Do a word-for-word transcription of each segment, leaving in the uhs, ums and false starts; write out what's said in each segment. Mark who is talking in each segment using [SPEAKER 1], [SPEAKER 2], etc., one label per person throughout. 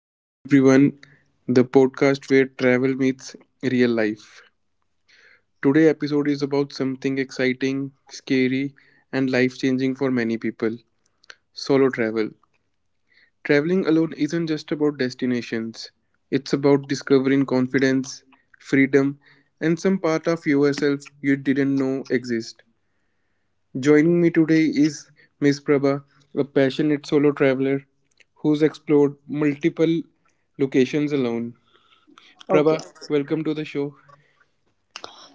[SPEAKER 1] Welcome everyone, the podcast where travel meets real life. Today episode is about something exciting, scary and life-changing for many people, solo travel. Traveling alone isn't just about destinations. It's about discovering confidence, freedom and some part of yourself you didn't know exist. Joining me today is Miss Prabha, a passionate solo traveler who's explored multiple locations alone.
[SPEAKER 2] Okay.
[SPEAKER 1] Prabha, welcome to the show.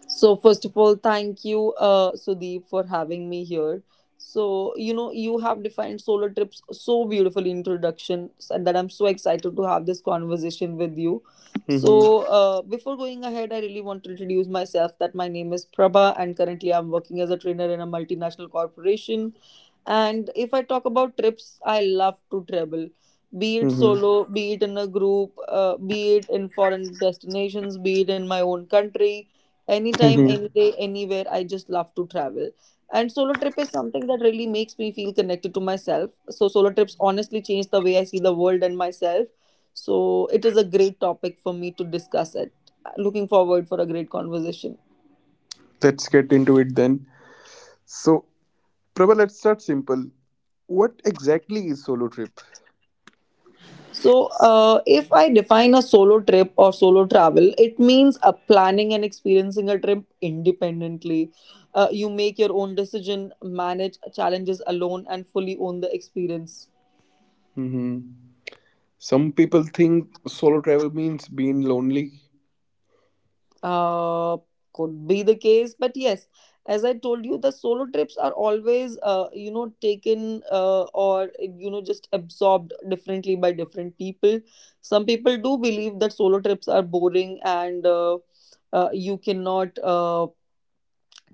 [SPEAKER 2] So first of all, thank you, uh, Sudeep, for having me here. So you know, you have defined solo trips so beautifully in introduction, and that I'm so excited to have this conversation with you.
[SPEAKER 1] Hmm.
[SPEAKER 2] So uh, Before going ahead, I really want to introduce myself. That my name is Prabha, and currently I'm working as a trainer in a multinational corporation. And if I talk about trips, I love to travel. Be it
[SPEAKER 1] Hmm.
[SPEAKER 2] solo, be it in a group, uh, be it in foreign destinations, be it in my own country, anytime,
[SPEAKER 1] Hmm.
[SPEAKER 2] any day, anywhere, I just love to travel. And solo trip is something that really makes me feel connected to myself. So solo trips honestly change the way I see the world and myself. So it is a great topic for me to discuss it. Looking forward for a great conversation.
[SPEAKER 1] Let's get into it then. So, Prabha, let's start simple. What exactly is solo trip?
[SPEAKER 2] so uh, if I define a solo trip or solo travel, it means uh, planning and experiencing a trip independently. Uh, you make your own decision, manage challenges alone, and fully own the experience.
[SPEAKER 1] Hmm. Some people think solo travel means being lonely.
[SPEAKER 2] Uh, could be the case, but yes, as I told you, the solo trips are always, uh, you know, taken uh, or, you know, just absorbed differently by different people. Some people do believe that solo trips are boring, and uh, uh, you cannot. Uh,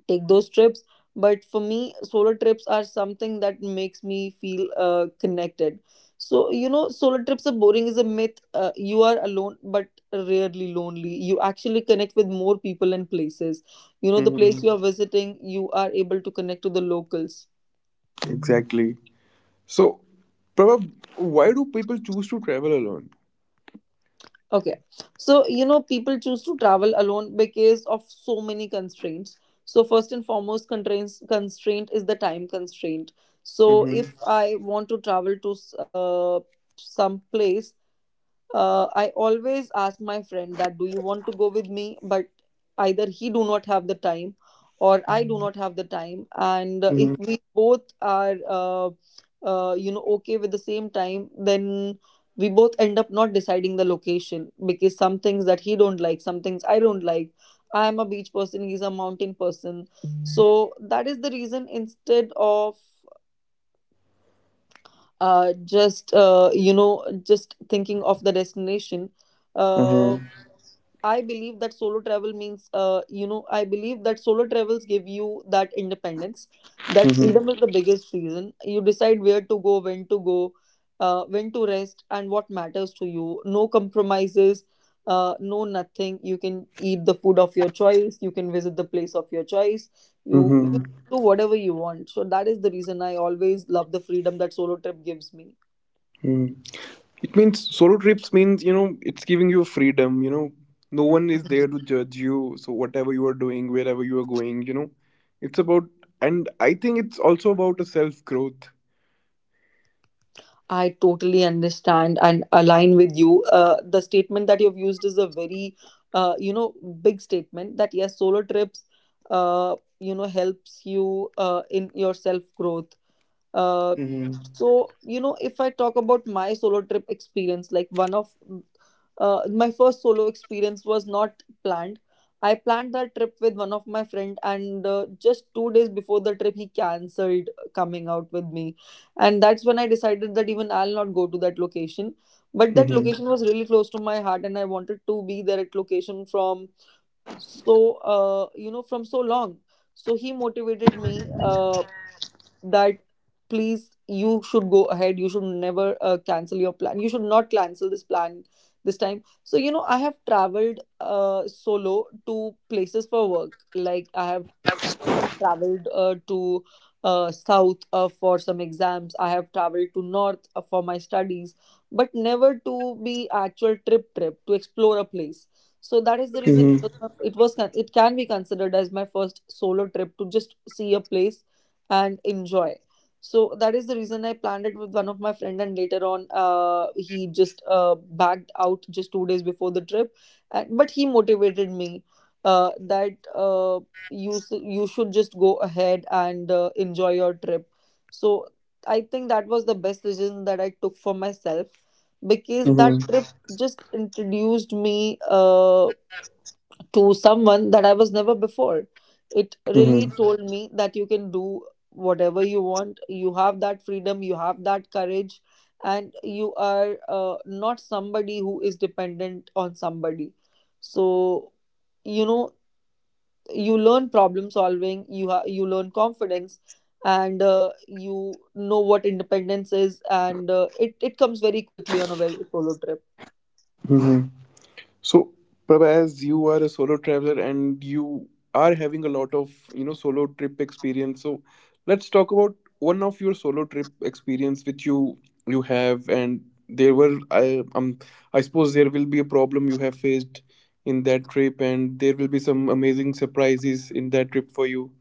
[SPEAKER 2] Take those trips. But for me, solo trips are something that makes me feel uh, connected. So you know, solo trips are boring is a myth. Uh, you are alone, but rarely lonely. You actually connect with more people and places. You know, the place you
[SPEAKER 1] Hmm.
[SPEAKER 2] are visiting, you are able to connect to the locals.
[SPEAKER 1] Exactly. So, Prabha, why do people choose to travel alone?
[SPEAKER 2] Okay. So, you know, people choose to travel alone because of so many constraints. So, first and foremost, constraints constraint is the time constraint. So,
[SPEAKER 1] Hmm.
[SPEAKER 2] if I want to travel to s- uh, some place, uh, I always ask my friend that do you want to go with me, but either he do not have the time or I do not have the time. And uh, if
[SPEAKER 1] Hmm.
[SPEAKER 2] we both are uh, uh, you know okay with the same time, then we both end up not deciding the location, because some things that he don't like, some things I don't like. I am a beach person, he's a mountain person. So that is the reason, instead of uh, just uh, you know just thinking of the destination. uh.
[SPEAKER 1] Hmm.
[SPEAKER 2] I believe that solo travel means, uh, you know, I believe that solo travels give you that independence. That freedom is the biggest reason. You decide where to go, when to go, uh, when to rest, and what matters to you. No compromises, uh, no nothing. You can eat the food of your choice. You can visit the place of your choice. You, you
[SPEAKER 1] Hmm.
[SPEAKER 2] do whatever you want. So that is the reason I always love the freedom that solo trip gives me.
[SPEAKER 1] Hmm. It means solo trips means, you know, it's giving you freedom, you know. No one is there to judge you. So whatever you are doing, wherever you are going, you know, it's about, and I think it's also about, a self growth.
[SPEAKER 2] I totally understand and align with you. Uh, the statement that you've used is a very, uh, you know, big statement that yes, solo trips, uh, you know, helps you uh, in your self growth. Uh,
[SPEAKER 1] Mm-hmm.
[SPEAKER 2] so, you know, if I talk about my solo trip experience, like one of uh, my first solo experience was not planned. I planned that trip with one of my friend, and uh, just two days before the trip, he cancelled coming out with me, and that's when I decided that even I'll not go to that location. But that
[SPEAKER 1] Mm-hmm.
[SPEAKER 2] location was really close to my heart, and I wanted to be there at location from so uh, you know from so long. So he motivated me uh, that please, you should go ahead, you should never uh, cancel your plan, you should not cancel this plan this time. So you know, I have traveled uh, solo to places for work. Like I have traveled uh, to uh, south uh, for some exams, I have traveled to north uh, for my studies, but never to be actual trip trip to explore a place. So that is the reason it
[SPEAKER 1] Mm-hmm.
[SPEAKER 2] was my- it was con- it can be considered as my first solo trip to just see a place and enjoy. So that is the reason I planned it with one of my friend, and later on uh, he just uh, backed out just two days before the trip. And, but he motivated me uh, that Uh, you s- you should just go ahead and uh, enjoy your trip. So I think that was the best decision that I took for myself, because that trip just introduced me uh, to someone that I was never before. It really
[SPEAKER 1] Mm-hmm.
[SPEAKER 2] told me that you can do whatever you want, you have that freedom, you have that courage, and you are uh, not somebody who is dependent on somebody. So you know, you learn problem solving, you ha- you learn confidence, and uh, you know what independence is. And uh, it it comes very quickly on a very solo trip.
[SPEAKER 1] Mm-hmm. So, Prabha, as you are a solo traveler and you are having a lot of, you know, solo trip experience, so let's talk about one of your solo trip experience which you you have, and there were I um I suppose there will be a problem you have faced in that trip, and there will be some amazing surprises in that trip for you.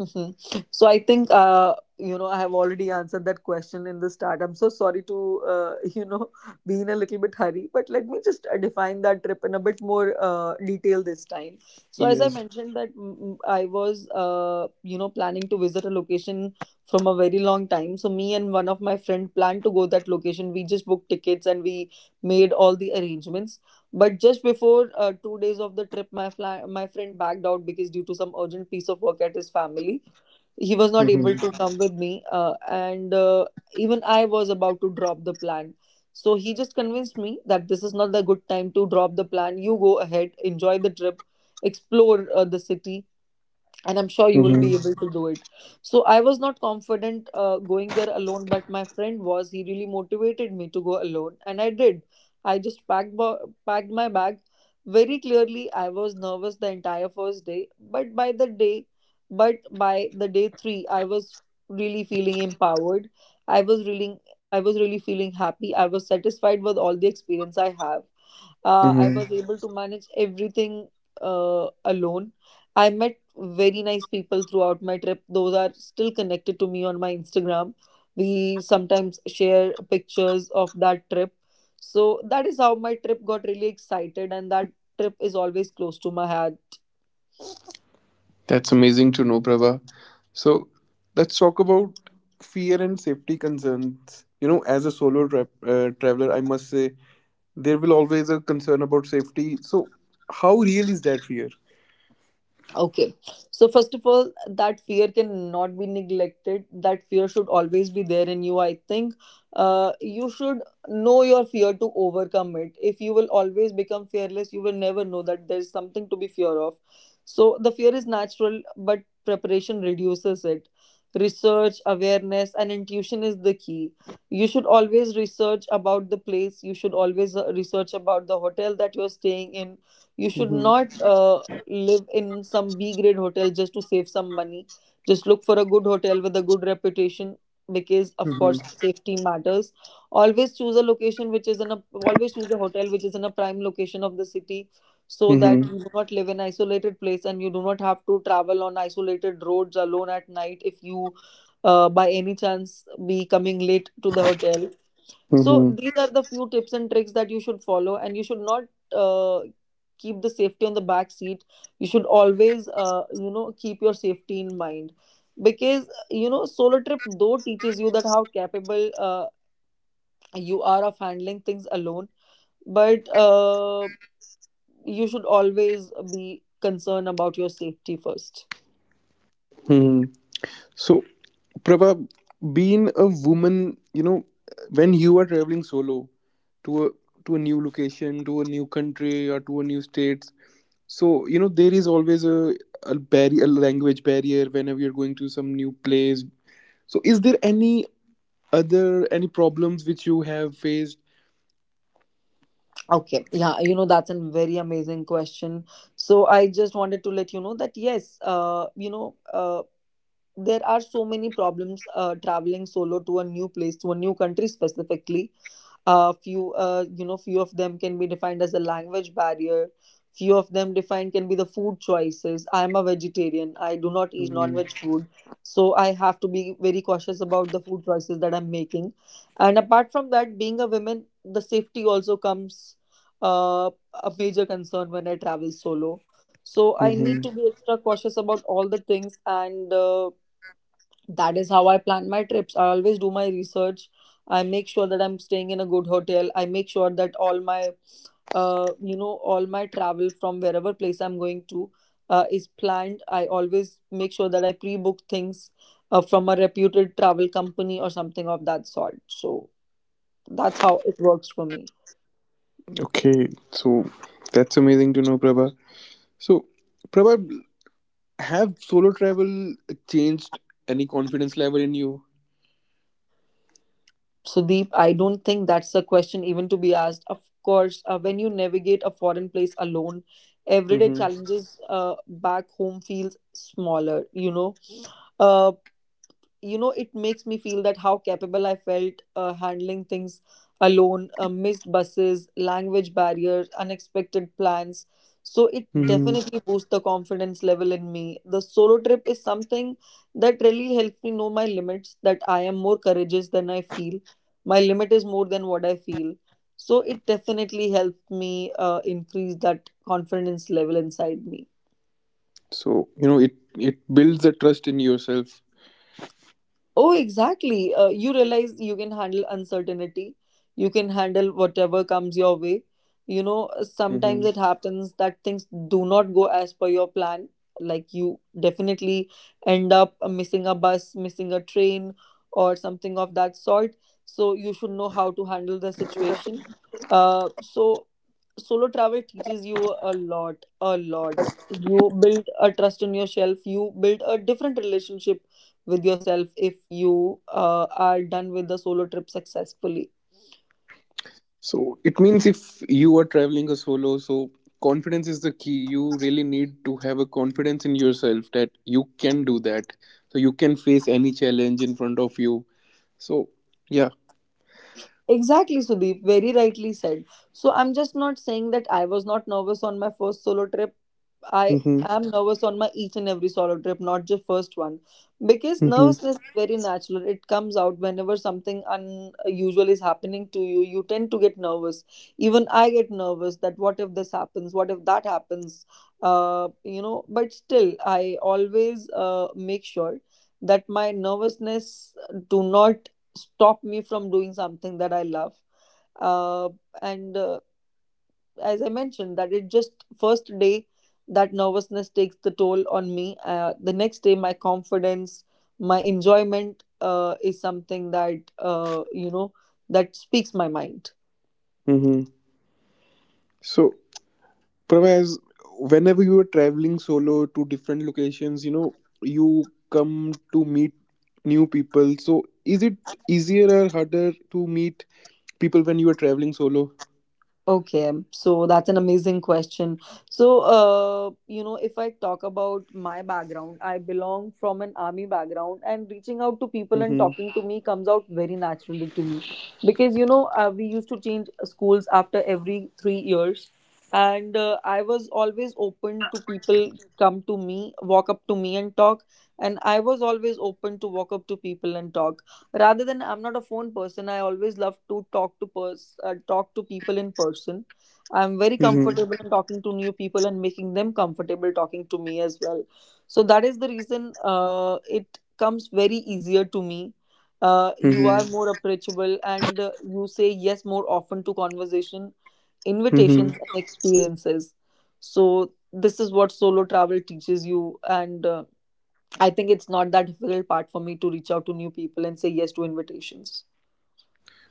[SPEAKER 2] Hmm. So I think uh, you know I have already answered that question in the start. I'm so sorry to uh, you know, be in a little bit hurry, but let me just uh, define that trip in a bit more uh, detail this time. So as I
[SPEAKER 1] Yes.
[SPEAKER 2] mentioned that mm, mm, I was, uh, you know planning to visit a location from a very long time. So me and one of my friend planned to go that location. We just booked tickets and we made all the arrangements. But just before uh, two days of the trip, my fly- my friend backed out because due to some urgent piece of work at his family, he was not able to
[SPEAKER 1] Mm-hmm.
[SPEAKER 2] come with me. Uh, and uh, even I was about to drop the plan. So he just convinced me that this is not the good time to drop the plan. You go ahead, enjoy the trip, explore uh, the city, and I'm sure you will be able to do it. So I was not confident uh, going there alone, but my friend was. He really motivated me to go alone, and I did. I just packed ba- packed my bag. Very clearly, I was nervous the entire first day. but by the day but by the day three, I was really feeling empowered. i was really I was really feeling happy, I was satisfied with all the experience I have. uh, I was
[SPEAKER 1] Mm-hmm.
[SPEAKER 2] able to manage everything uh, alone. I met very nice people throughout my trip. Those are still connected to me on my Instagram. We sometimes share pictures of that trip. So that is how my trip got really excited, and that trip is always close to my heart.
[SPEAKER 1] That's amazing to know, Prabha. So let's talk about fear and safety concerns. You know, as a solo tra- uh, traveler, I must say there will always a concern about safety. So how real is that fear?
[SPEAKER 2] Okay. So first of all, that fear cannot be neglected. That fear should always be there in you. I think uh, you should know your fear to overcome it. If you will always become fearless, you will never know that there's something to be fear of. So the fear is natural, but preparation reduces it. Research, awareness, and intuition is the key. You should always research about the place. You should always uh, research about the hotel that you're staying in. You should
[SPEAKER 1] Hmm.
[SPEAKER 2] not uh, live in some B grade hotel just to save some money. Just look for a good hotel with a good reputation, because of course
[SPEAKER 1] Hmm.
[SPEAKER 2] safety matters. Always choose a location which is in a always choose a hotel which is in a prime location of the city, so that
[SPEAKER 1] Hmm.
[SPEAKER 2] you do not live in isolated place, and you do not have to travel on isolated roads alone at night if you uh, by any chance be coming late to the hotel. So
[SPEAKER 1] Hmm.
[SPEAKER 2] these are the few tips and tricks that you should follow, and you should not uh, keep the safety on the back seat. You should always, uh, you know, keep your safety in mind, because you know, solo trip though teaches you that how capable uh, you are of handling things alone, but uh, you should always be concerned about your safety first.
[SPEAKER 1] Hmm. So Prabha, being a woman, you know, when you are traveling solo to a to a new location, to a new country, or to a new state. So, you know, there is always a, a barrier, a language barrier whenever you're going to some new place. So, is there any other, any problems which you have faced?
[SPEAKER 2] Okay, yeah, you know, that's a very amazing question. So I just wanted to let you know that yes, uh, you know, uh, there are so many problems uh, traveling solo to a new place, to a new country, specifically uh, few uh, you know few of them can be defined as a language barrier. Few of them defined can be the food choices. I am a vegetarian, I do not eat
[SPEAKER 1] Mm-hmm.
[SPEAKER 2] non-veg food, so I have to be very cautious about the food choices that I'm making. And apart from that, being a woman, the safety also comes uh, a major concern when I travel solo. So I need to be extra cautious about all the things, and uh, that is how I plan my trips. I always do my research, I make sure that I'm staying in a good hotel, I make sure that all my uh, you know all my travel from wherever place I'm going to uh, is planned. I always make sure that I pre-book things uh, from a reputed travel company or something of that sort, so that's how it works for me.
[SPEAKER 1] Okay, so that's amazing to know, Prabha. So, Prabha, have solo travel changed any confidence level in you?
[SPEAKER 2] Sudeep, I don't think that's a question even to be asked. Of course, uh, when you navigate a foreign place alone, everyday
[SPEAKER 1] Mm-hmm.
[SPEAKER 2] challenges uh, back home feels smaller. You know, Uh, you know it makes me feel that how capable I felt uh, handling things alone, uh, missed buses, language barriers, unexpected plans. So it
[SPEAKER 1] Mm-hmm.
[SPEAKER 2] definitely boosts the confidence level in me. The solo trip is something that really helps me know my limits, that I am more courageous than I feel. My limit is more than what I feel. So it definitely helped me uh, increase that confidence level inside me.
[SPEAKER 1] So, you know, it, it builds a trust in yourself.
[SPEAKER 2] Oh, exactly. Uh, you realize you can handle uncertainty. You can handle whatever comes your way. You know,
[SPEAKER 1] Mm-hmm.
[SPEAKER 2] sometimes it happens that things do not go as per your plan. Like, you definitely end up missing a bus, missing a train, or something of that sort. So you should know how to handle the situation. Uh, so solo travel teaches you a lot, a lot. You build a trust in yourself. You build a different relationship with yourself if you uh, are done with the solo trip successfully.
[SPEAKER 1] So it means if you are traveling a solo, so confidence is the key. You really need to have a confidence in yourself that you can do that. So you can face any challenge in front of you. So yeah.
[SPEAKER 2] Exactly, Sudeep, very rightly said. So, I'm just not saying that I was not nervous on my first solo trip. I
[SPEAKER 1] Mm-hmm.
[SPEAKER 2] am nervous on my each and every solo trip, not just first one, because
[SPEAKER 1] Mm-hmm.
[SPEAKER 2] nervousness is very natural. It comes out whenever something unusual is happening to you. You tend to get nervous. Even I get nervous that what if this happens? What if that happens? Uh, you know. But still, I always uh, make sure that my nervousness do not stop me from doing something that I love, uh, and uh, as I mentioned, that it just first day that nervousness takes the toll on me. Uh, the next day, my confidence, my enjoyment uh, is something that, uh, you know, that speaks my mind.
[SPEAKER 1] Mm-hmm. So Pravaz, whenever you are traveling solo to different locations, you know, you come to meet new people. So is it easier or harder to meet people when you are traveling solo?
[SPEAKER 2] Okay, so that's an amazing question. So, uh, you know, if I talk about my background, I belong from an army background, and reaching out to people and
[SPEAKER 1] Mm-hmm.
[SPEAKER 2] talking to me comes out very naturally to me because, you know, uh, we used to change schools after every three years, and uh, I was always open to people come to me, walk up to me, and talk, and I was always open to walk up to people and talk rather than, I'm not a phone person. I always love to talk to pers- uh, talk to people in person. I'm very comfortable in talking to new people and making them comfortable talking to me as well. So that is the reason uh, it comes very easier to me. Uh, you
[SPEAKER 1] Mm-hmm.
[SPEAKER 2] are more approachable, and uh, you say yes more often to conversation
[SPEAKER 1] Mm-hmm.
[SPEAKER 2] invitations and experiences. So this is what solo travel teaches you. And uh, I think it's not that difficult part for me to reach out to new people and say yes to invitations.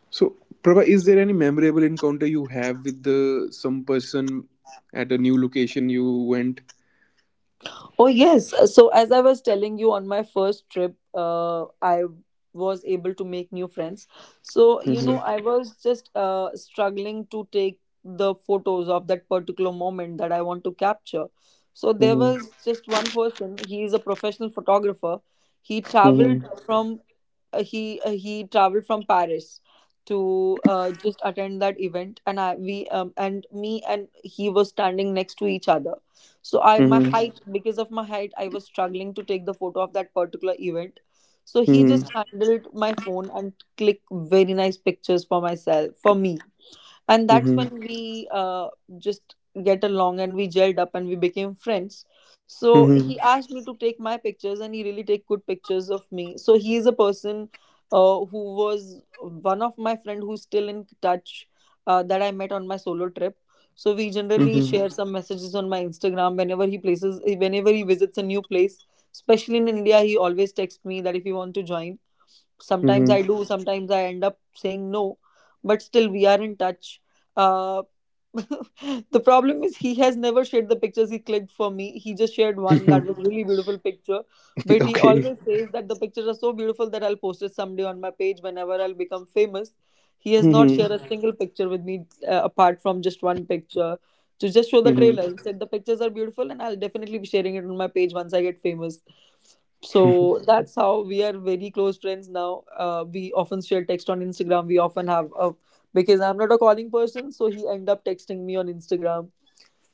[SPEAKER 1] So, Prabha, is there any memorable encounter you have with the some person at a new location you went?
[SPEAKER 2] Oh, yes. So, as I was telling you, on my first trip, uh, I was able to make new friends. So, you know,
[SPEAKER 1] Mm-hmm.
[SPEAKER 2] I was just uh, struggling to take the photos of that particular moment that I want to capture. So, there was
[SPEAKER 1] Mm-hmm.
[SPEAKER 2] just one person, he is a professional photographer. He
[SPEAKER 1] Mm-hmm.
[SPEAKER 2] traveled from uh, he uh, he traveled from Paris to uh, just attend that event. And I we um, and me and he were standing next to each other. So I my
[SPEAKER 1] Mm-hmm.
[SPEAKER 2] height because of my height, I was struggling to take the photo of that particular event. So he just handled my phone and click very nice pictures for myself for me. And that's
[SPEAKER 1] Mm-hmm.
[SPEAKER 2] when we uh, just get along and we gelled up and we became friends. So
[SPEAKER 1] Mm-hmm.
[SPEAKER 2] he asked me to take my pictures, and he really take good pictures of me. So he is a person uh, who was one of my friend who's still in touch, uh, that I met on my solo trip. So we generally
[SPEAKER 1] Mm-hmm.
[SPEAKER 2] share some messages on my Instagram whenever he places whenever he visits a new place, especially in India. He always texts me that if you want to join. Sometimes I do, sometimes I end up saying no, but still we are in touch. uh the problem is, he has never shared the pictures he clicked for me. He just shared one that was
[SPEAKER 1] Mm-hmm.
[SPEAKER 2] really beautiful picture, but he
[SPEAKER 1] Okay.
[SPEAKER 2] always says that the pictures are so beautiful that I'll post it someday on my page whenever I'll become famous. He has not shared
[SPEAKER 1] Mm-hmm.
[SPEAKER 2] a Mhm. single picture with me, uh, apart from just one picture, to just show the
[SPEAKER 1] Mm-hmm.
[SPEAKER 2] trailer. He said the pictures are beautiful and I'll definitely be sharing it on my page once I get famous. So that's how we are very close friends now. Uh, we often share text on Instagram, we often have a, because I'm not a calling person, so he end up texting me on Instagram.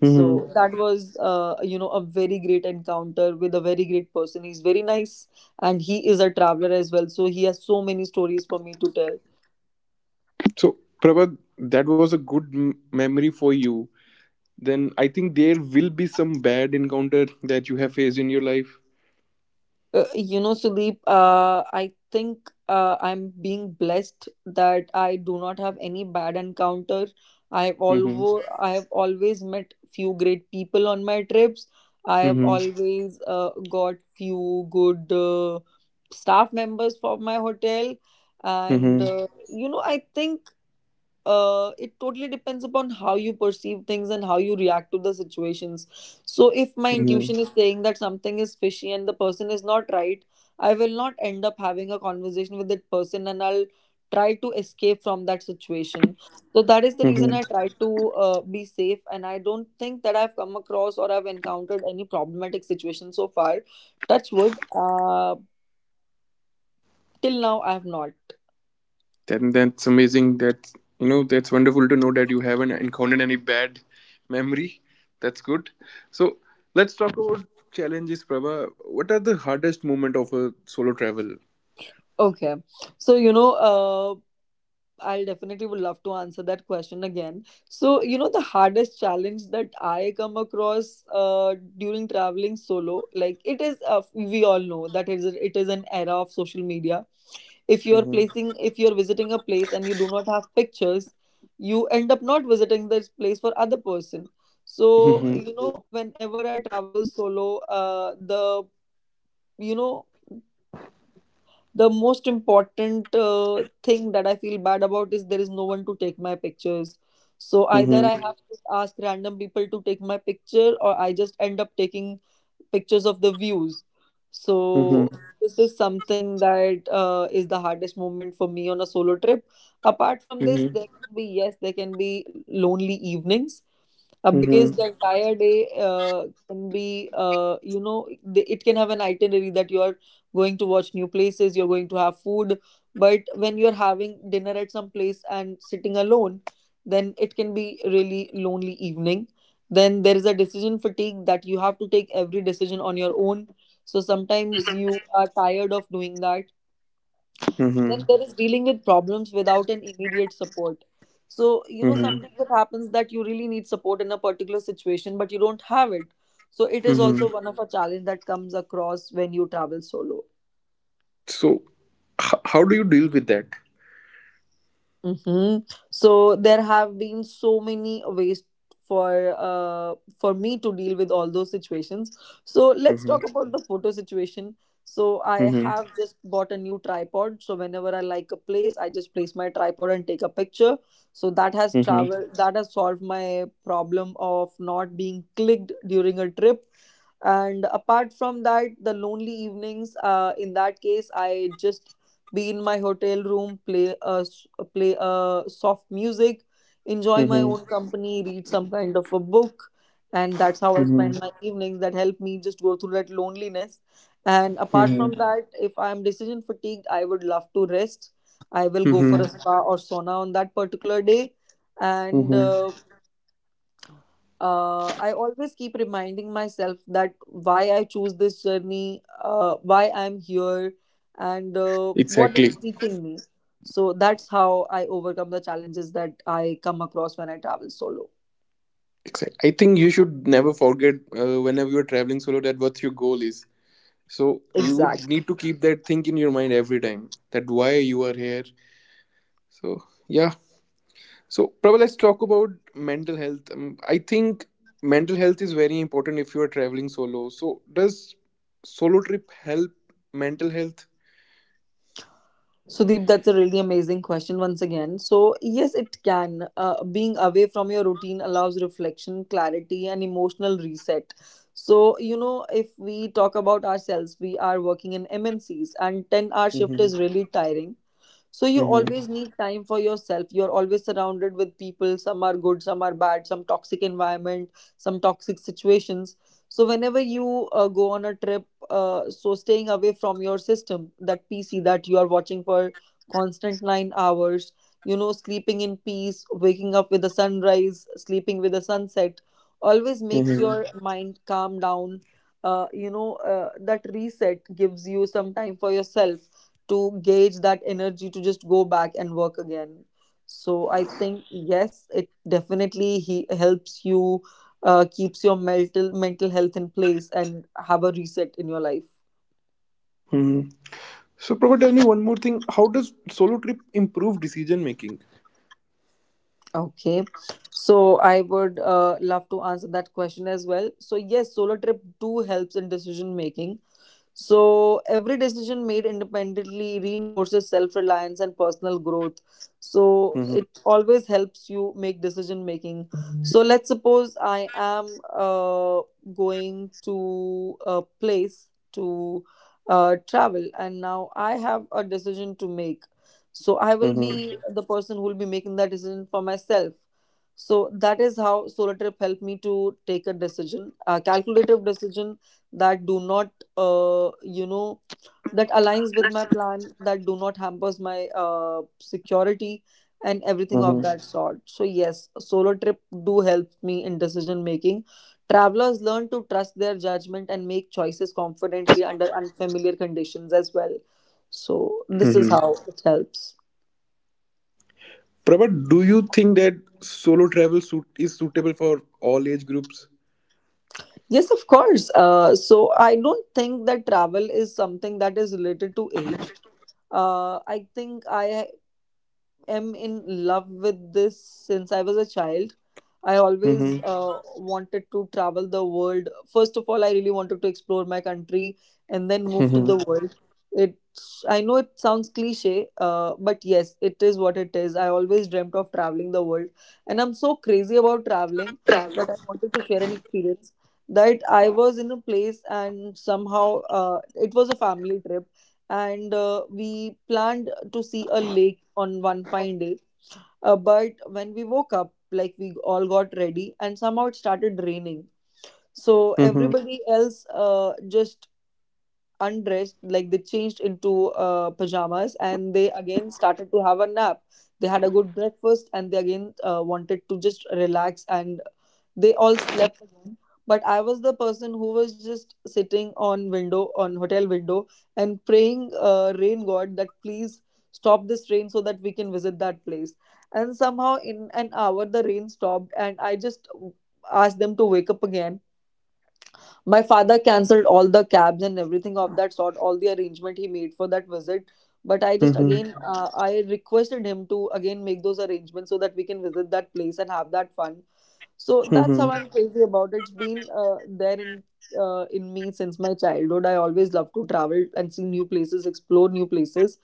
[SPEAKER 2] So
[SPEAKER 1] Mm-hmm.
[SPEAKER 2] that was, uh, you know a very great encounter with a very great person. He's very nice, and he is a traveler as well, so he has so many stories for me to tell.
[SPEAKER 1] So, Prabha, that was a good m- memory for you. Then I think there will be some bad encounter that you have faced in your life.
[SPEAKER 2] Uh, you know, Sudeep, uh, I think uh, I'm being blessed that I do not have any bad encounter. I have
[SPEAKER 1] Mm-hmm.
[SPEAKER 2] always I have always met few great people on my trips. I have
[SPEAKER 1] Mm-hmm.
[SPEAKER 2] always uh, got few good uh, staff members for my hotel, and uh, you know, I think uh, it totally depends upon how you perceive things and how you react to the situations. So, if my
[SPEAKER 1] Mm-hmm.
[SPEAKER 2] intuition is saying that something is fishy and the person is not right, I will not end up having a conversation with that person, and I'll try to escape from that situation. So, that is the reason
[SPEAKER 1] Mm-hmm.
[SPEAKER 2] I try to uh, be safe. And I don't think that I've come across or I've encountered any problematic situation so far. Touch wood, uh, till now, I have not.
[SPEAKER 1] Then that's amazing. That you know that's wonderful to know that you haven't encountered any bad memory. That's good. So let's talk about challenges, Prabha. What are the hardest moment of a solo travel?
[SPEAKER 2] Okay. So, you know, uh. I'll definitely would love to answer that question again. So, you know, the hardest challenge that I come across uh, during traveling solo, like, it is, uh, we all know that it is, it is an era of social media. If you're
[SPEAKER 1] Mhm.
[SPEAKER 2] placing, if you're visiting a place and you do not have pictures, you end up not visiting this place for other person. So,
[SPEAKER 1] Mhm.
[SPEAKER 2] you know, Mhm. whenever I travel solo, uh, the, you know, the most important uh, thing that I feel bad about is there is no one to take my pictures. So either
[SPEAKER 1] Mhm.
[SPEAKER 2] I have to ask random people to take my picture, or I just end up taking pictures of the views.
[SPEAKER 1] Mhm.
[SPEAKER 2] So this is something that uh, is the hardest moment for me on a solo trip. Apart from this,
[SPEAKER 1] Mhm.
[SPEAKER 2] there can be, yes, there can be lonely evenings uh, because
[SPEAKER 1] Mhm.
[SPEAKER 2] the entire day uh, can be, uh, you know the- it can have an itinerary that you are going to watch new places, you're going to have food. But when you're having dinner at some place and sitting alone, then it can be really lonely evening. Then there is a decision fatigue, that you have to take every decision on your own, so sometimes you are tired of doing that. Then
[SPEAKER 1] Mhm.
[SPEAKER 2] there is dealing with problems without an immediate support. So you know,
[SPEAKER 1] Mhm.
[SPEAKER 2] sometimes it happens that you really need support in a particular situation, but you don't have it. So it is also
[SPEAKER 1] Mhm.
[SPEAKER 2] one of a challenge that comes across when you travel solo.
[SPEAKER 1] So h- how do you deal with that?
[SPEAKER 2] Mm-hmm. So there have been so many ways for uh for me to deal with all those situations. So let's
[SPEAKER 1] Mhm.
[SPEAKER 2] talk about the photo situation. So I
[SPEAKER 1] Mhm.
[SPEAKER 2] have just bought a new tripod. So whenever I like a place, I just place my tripod and take a picture. So that has
[SPEAKER 1] Mhm.
[SPEAKER 2] travel that has solved my problem of not being clicked during a trip. And apart from that, the lonely evenings, uh, in that case, I just be in my hotel room, play a, s- play a soft music, enjoy my
[SPEAKER 1] Mhm.
[SPEAKER 2] own company, read some kind of a book. And that's how I
[SPEAKER 1] Mhm.
[SPEAKER 2] spend my evenings that help me just go through that loneliness. And apart from
[SPEAKER 1] Mhm.
[SPEAKER 2] that, if I'm decision fatigued, I would love to rest. I will go for a
[SPEAKER 1] Mhm.
[SPEAKER 2] spa or sauna on that particular day. And
[SPEAKER 1] Mhm.
[SPEAKER 2] uh, uh, I always keep reminding myself that why I choose this journey, uh, why I'm here, and uh, what it's
[SPEAKER 1] Exactly.
[SPEAKER 2] teaching me. So that's how I overcome the challenges that I come across when I travel solo.
[SPEAKER 1] Exactly. I think you should never forget, uh, whenever you're traveling solo, that what your goal is. So you
[SPEAKER 2] Exactly.
[SPEAKER 1] need to keep that thing in your mind every time that why you are here. So yeah. So Prabha, let's talk about mental health. Um, I think mental health is very important if you are traveling solo. So does solo trip help mental health?
[SPEAKER 2] Sudeep, that's a really amazing question once again. So, yes, it can. Uh, being away from your routine allows reflection, clarity, and emotional reset. So, you know, if we talk about ourselves, we are working in M N Cs, and ten hour shift
[SPEAKER 1] Mhm,
[SPEAKER 2] is really tiring, so you
[SPEAKER 1] mhm,
[SPEAKER 2] always need time for yourself. You're always surrounded with people. Some are good, some are bad, some toxic environment, some toxic situations. So whenever you uh, go on a trip, uh, so staying away from your system, that pc that you are watching for constant nine hours, you know, sleeping in peace, waking up with the sunrise, sleeping with the sunset, always makes
[SPEAKER 1] mhm.
[SPEAKER 2] your mind calm down. Uh, you know, uh, that reset gives you some time for yourself, to gauge that energy to just go back and work again. So I think yes, it definitely he helps you, uh, keeps your mental mental health in place and have a reset in your life.
[SPEAKER 1] Hmm. So Prabha, tell me one more thing. How does solo trip improve decision making?
[SPEAKER 2] Okay, so I would uh, love to answer that question as well. So yes, solo trip do helps in decision making. So every decision made independently reinforces self-reliance and personal growth. So
[SPEAKER 1] Mhm,
[SPEAKER 2] it always helps you make decision making. So let's suppose I am uh, going to a place to uh, travel, and now I have a decision to make. So I will
[SPEAKER 1] mhm,
[SPEAKER 2] be the person who will be making that decision for myself. So that is how solo trip helped me to take a decision, a calculative decision that do not, uh, you know, that aligns with my plan, that do not hampers my uh, security and everything of
[SPEAKER 1] mhm,
[SPEAKER 2] that sort. So yes, a solo trip do help me in decision making. Travelers learn to trust their judgment and make choices confidently under unfamiliar conditions as well. So this is
[SPEAKER 1] mhm.
[SPEAKER 2] how it helps.
[SPEAKER 1] Prabhat, do you think that solo travel suit is suitable for all age groups?
[SPEAKER 2] Yes, of course. Uh, so I don't think that travel is something that is related to age. uh, I think I am in love with this since I was a child. I always
[SPEAKER 1] Mhm,
[SPEAKER 2] uh, wanted to travel the world. First of all, I really wanted to explore my country, and then move to the
[SPEAKER 1] mhm,
[SPEAKER 2] world. It I know it sounds cliche, uh, but yes, it is what it is. I always dreamt of traveling the world, and I'm so crazy about traveling that I wanted to share an experience that I was in a place, and somehow uh, it was a family trip, and uh, we planned to see a lake on one fine day. Uh, but when we woke up, like, we all got ready, and somehow it started raining. So
[SPEAKER 1] mhm,
[SPEAKER 2] everybody else uh, just undressed, like they changed into uh, pajamas, and they again started to have a nap. They had a good breakfast, and they again uh, wanted to just relax, and they all slept again. But I was the person who was just sitting on window, on hotel window, and praying uh, rain god, that please stop this rain so that we can visit that place. And somehow in an hour the rain stopped, and I just asked them to wake up again. My father cancelled all the cabs and everything of that sort, all the arrangement he made for that visit. But I just
[SPEAKER 1] mhm,
[SPEAKER 2] again, uh, I requested him to again make those arrangements so that we can visit that place and have that fun. So that's how
[SPEAKER 1] mhm,
[SPEAKER 2] I'm crazy about it. It's been uh, there in uh, in me since my childhood. I always love to travel and see new places, explore new places,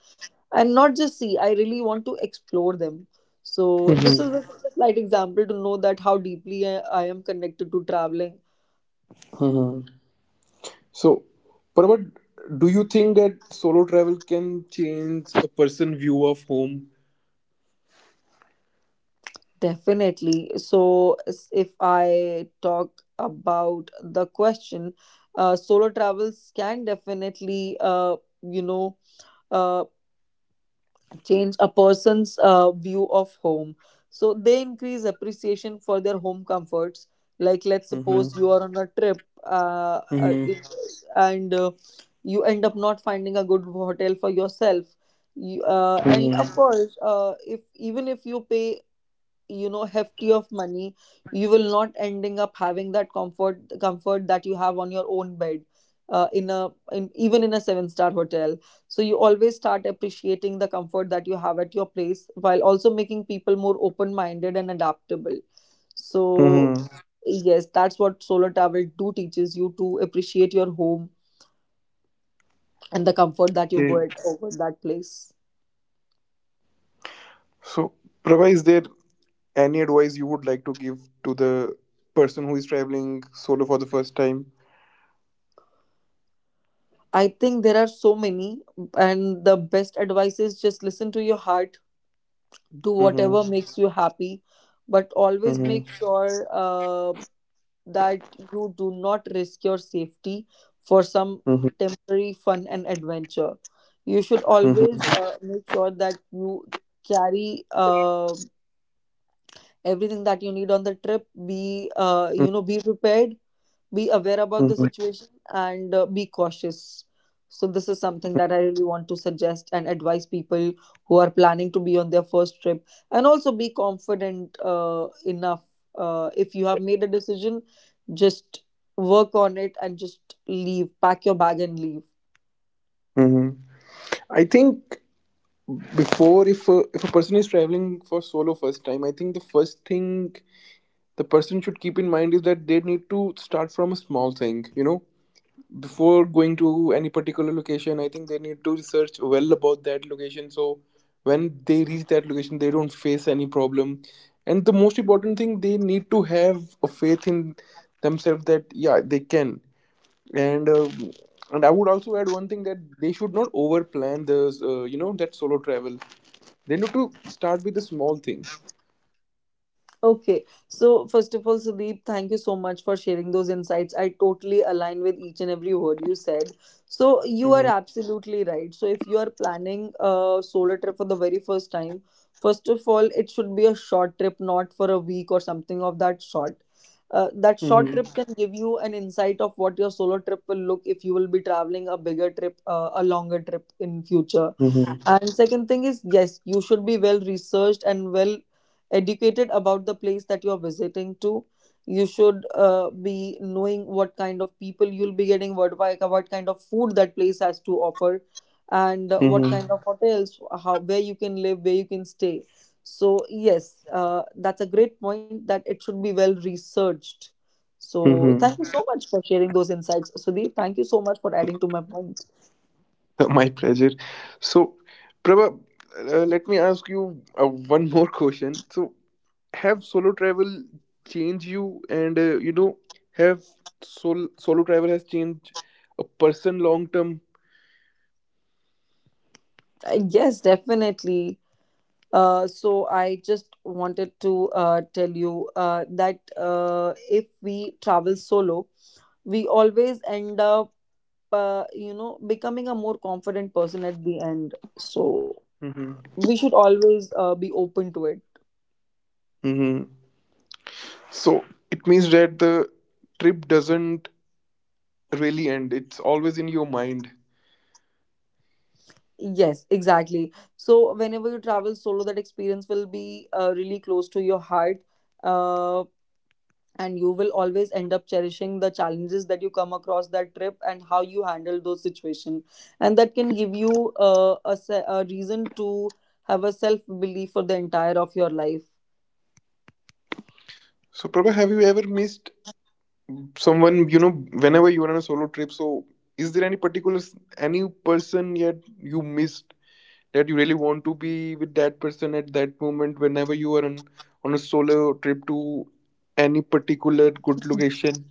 [SPEAKER 2] and not just see. I really want to explore them. So this
[SPEAKER 1] mhm,
[SPEAKER 2] is just a slight example to know that how deeply I, I am connected to traveling.
[SPEAKER 1] mhm. So, Prabhat, do you think that solo travel can change a person's view of home?
[SPEAKER 2] Definitely. So s- if I talk about the question, uh, solo travels can definitely, uh, you know, uh, change a person's uh, view of home. So they increase appreciation for their home comforts. Like, let's
[SPEAKER 1] Mhm,
[SPEAKER 2] suppose you are on a trip, uh, uh,
[SPEAKER 1] mhm,
[SPEAKER 2] it, and uh, you end up not finding a good hotel for yourself. You, uh, and
[SPEAKER 1] mhm,
[SPEAKER 2] of course, uh, if even if you pay, you know, hefty of money, you will not ending up having that comfort comfort that you have on your own bed, uh, in a in even in a seven star hotel. So you always start appreciating the comfort that you have at your place, while also making people more open minded and adaptable. So
[SPEAKER 1] mhm.
[SPEAKER 2] yes, that's what solo travel do teaches you, to appreciate your home and the comfort that you
[SPEAKER 1] Okay.
[SPEAKER 2] get over that place.
[SPEAKER 1] So, Prabha, is there any advice you would like to give to the person who is traveling solo for the first time?
[SPEAKER 2] I think there are so many, and the best advice is just listen to your heart, do whatever
[SPEAKER 1] Mhm,
[SPEAKER 2] makes you happy, but always
[SPEAKER 1] mhm,
[SPEAKER 2] make sure uh, that you do not risk your safety for some
[SPEAKER 1] mhm,
[SPEAKER 2] temporary fun and adventure. You should
[SPEAKER 1] mhm,
[SPEAKER 2] always uh, make sure that you carry uh, everything that you need on the trip. Be, uh, you know, be prepared, be aware about the
[SPEAKER 1] mhm,
[SPEAKER 2] situation, and uh, be cautious. So this is something that I really want to suggest and advise people who are planning to be on their first trip, and also be confident uh, enough. Uh, if you have made a decision, just work on it, and just leave, pack your bag and leave.
[SPEAKER 1] mhm. I think before, if a, if a person is traveling for solo first time, I think the first thing the person should keep in mind is that they need to start from a small thing, you know. Before going to any particular location, I think they need to research well about that location so when they reach that location they don't face any problem. And the most important thing, they need to have a faith in themselves that yeah, they can. And um, and I would also add one thing, that they should not overplan the uh, you know that solo travel, they need to start with a small thing.
[SPEAKER 2] Okay. So first of all, Sudeep, thank you so much for sharing those insights. I totally align with each and every word you said. So you are
[SPEAKER 1] Mm-hmm.
[SPEAKER 2] absolutely right. So if you are planning a solo trip for the very first time, first of all, it should be a short trip, not for a week or something of that sort. Uh, that short trip
[SPEAKER 1] Mm-hmm.
[SPEAKER 2] can give you an insight of what your solo trip will look if you will be traveling a bigger trip, uh, a longer trip in future.
[SPEAKER 1] Mm-hmm.
[SPEAKER 2] And second thing is, yes, you should be well researched and well educated about the place that you're visiting to. You should uh, be knowing what kind of people you'll be getting, what, wi- what kind of food that place has to offer, and uh, what
[SPEAKER 1] Mm-hmm.
[SPEAKER 2] kind of hotels, how, where you can live, where you can stay. So yes, uh, that's a great point that it should be well researched. So thank you so
[SPEAKER 1] Mm-hmm.
[SPEAKER 2] much for sharing those insights, Sudeep. Thank you so much for adding to my point.
[SPEAKER 1] My pleasure. So, Prabha, uh, let me ask you uh, one more question. So, have solo travel changed you, and uh, you know, have sol- solo travel has changed a person long term?
[SPEAKER 2] Uh, Yes, definitely. Uh, so I just wanted to uh, tell you uh, that uh, if we travel solo, we always end up uh, you know, becoming a more confident person at the end. So
[SPEAKER 1] Mm-hmm.
[SPEAKER 2] we should always uh, be open to it.
[SPEAKER 1] Mm-hmm. So it means that the trip doesn't really end; it's always in your mind.
[SPEAKER 2] Yes, exactly. So whenever you travel solo, that experience will be uh, really close to your heart. Uh, and you will always end up cherishing the challenges that you come across that trip and how you handle those situations, and that can give you uh, a, se- a reason to have a self belief for the entire of your life.
[SPEAKER 1] So, Prabha, have you ever missed someone you know whenever you're on a solo trip, so is there any particular s- any person yet you missed that you really want to be with that person at that moment whenever you are on on a solo trip to any particular good location?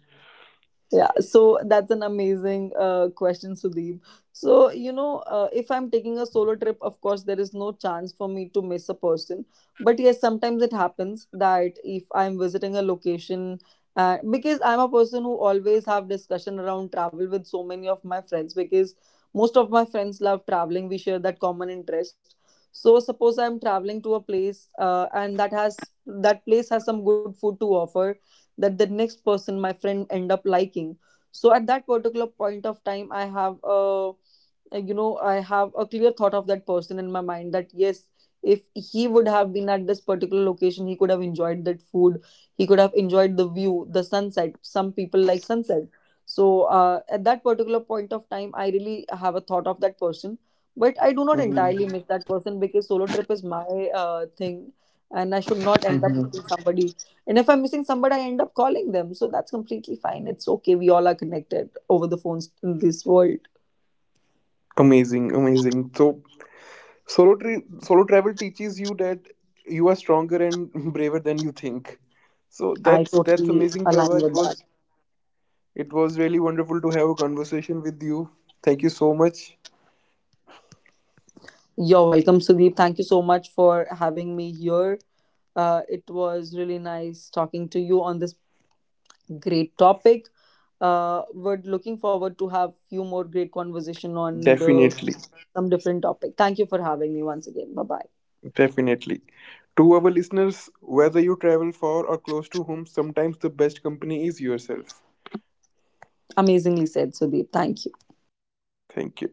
[SPEAKER 2] Yeah, so that's an amazing uh, question, Sudeep. So, you know, uh, if I'm taking a solo trip, of course, there is no chance for me to miss a person. But yes, sometimes it happens that if I'm visiting a location, uh, because I'm a person who always have discussion around travel with so many of my friends, because most of my friends love traveling. We share that common interest. So, suppose I'm traveling to a place uh, and that has that place has some good food to offer that the next person, my friend, end up liking. So at that particular point of time I have a, uh, you know, I have a clear thought of that person in my mind, that yes, if he would have been at this particular location, he could have enjoyed that food, he could have enjoyed the view, the sunset. Some people like sunset. So uh, at that particular point of time I really have a thought of that person, but I do not entirely
[SPEAKER 1] Hmm.
[SPEAKER 2] miss that person because solo trip is my uh, thing, and I should not end up
[SPEAKER 1] Hmm.
[SPEAKER 2] missing somebody. And if I'm missing somebody, I end up calling them. So that's completely fine. It's okay. We all are connected over the phones in this world.
[SPEAKER 1] Amazing, amazing. So solo trip solo travel teaches you that you are stronger and braver than you think. So
[SPEAKER 2] I
[SPEAKER 1] that's that's
[SPEAKER 2] totally
[SPEAKER 1] amazing, Prava.
[SPEAKER 2] align
[SPEAKER 1] it
[SPEAKER 2] with that.
[SPEAKER 1] was it was really wonderful to have a conversation with you. Thank you so much.
[SPEAKER 2] You're welcome, Sudeep. Thank you so much for having me here. Uh, it was really nice talking to you on this great topic. Uh, we're looking forward to have few more great conversation on the
[SPEAKER 1] Definitely,
[SPEAKER 2] some different topic. Thank you for having me once again. Bye bye.
[SPEAKER 1] definitely. To our listeners, whether you travel for or close to home, sometimes the best company is yourself.
[SPEAKER 2] Amazingly said, Sudeep. Thank you.
[SPEAKER 1] Thank you.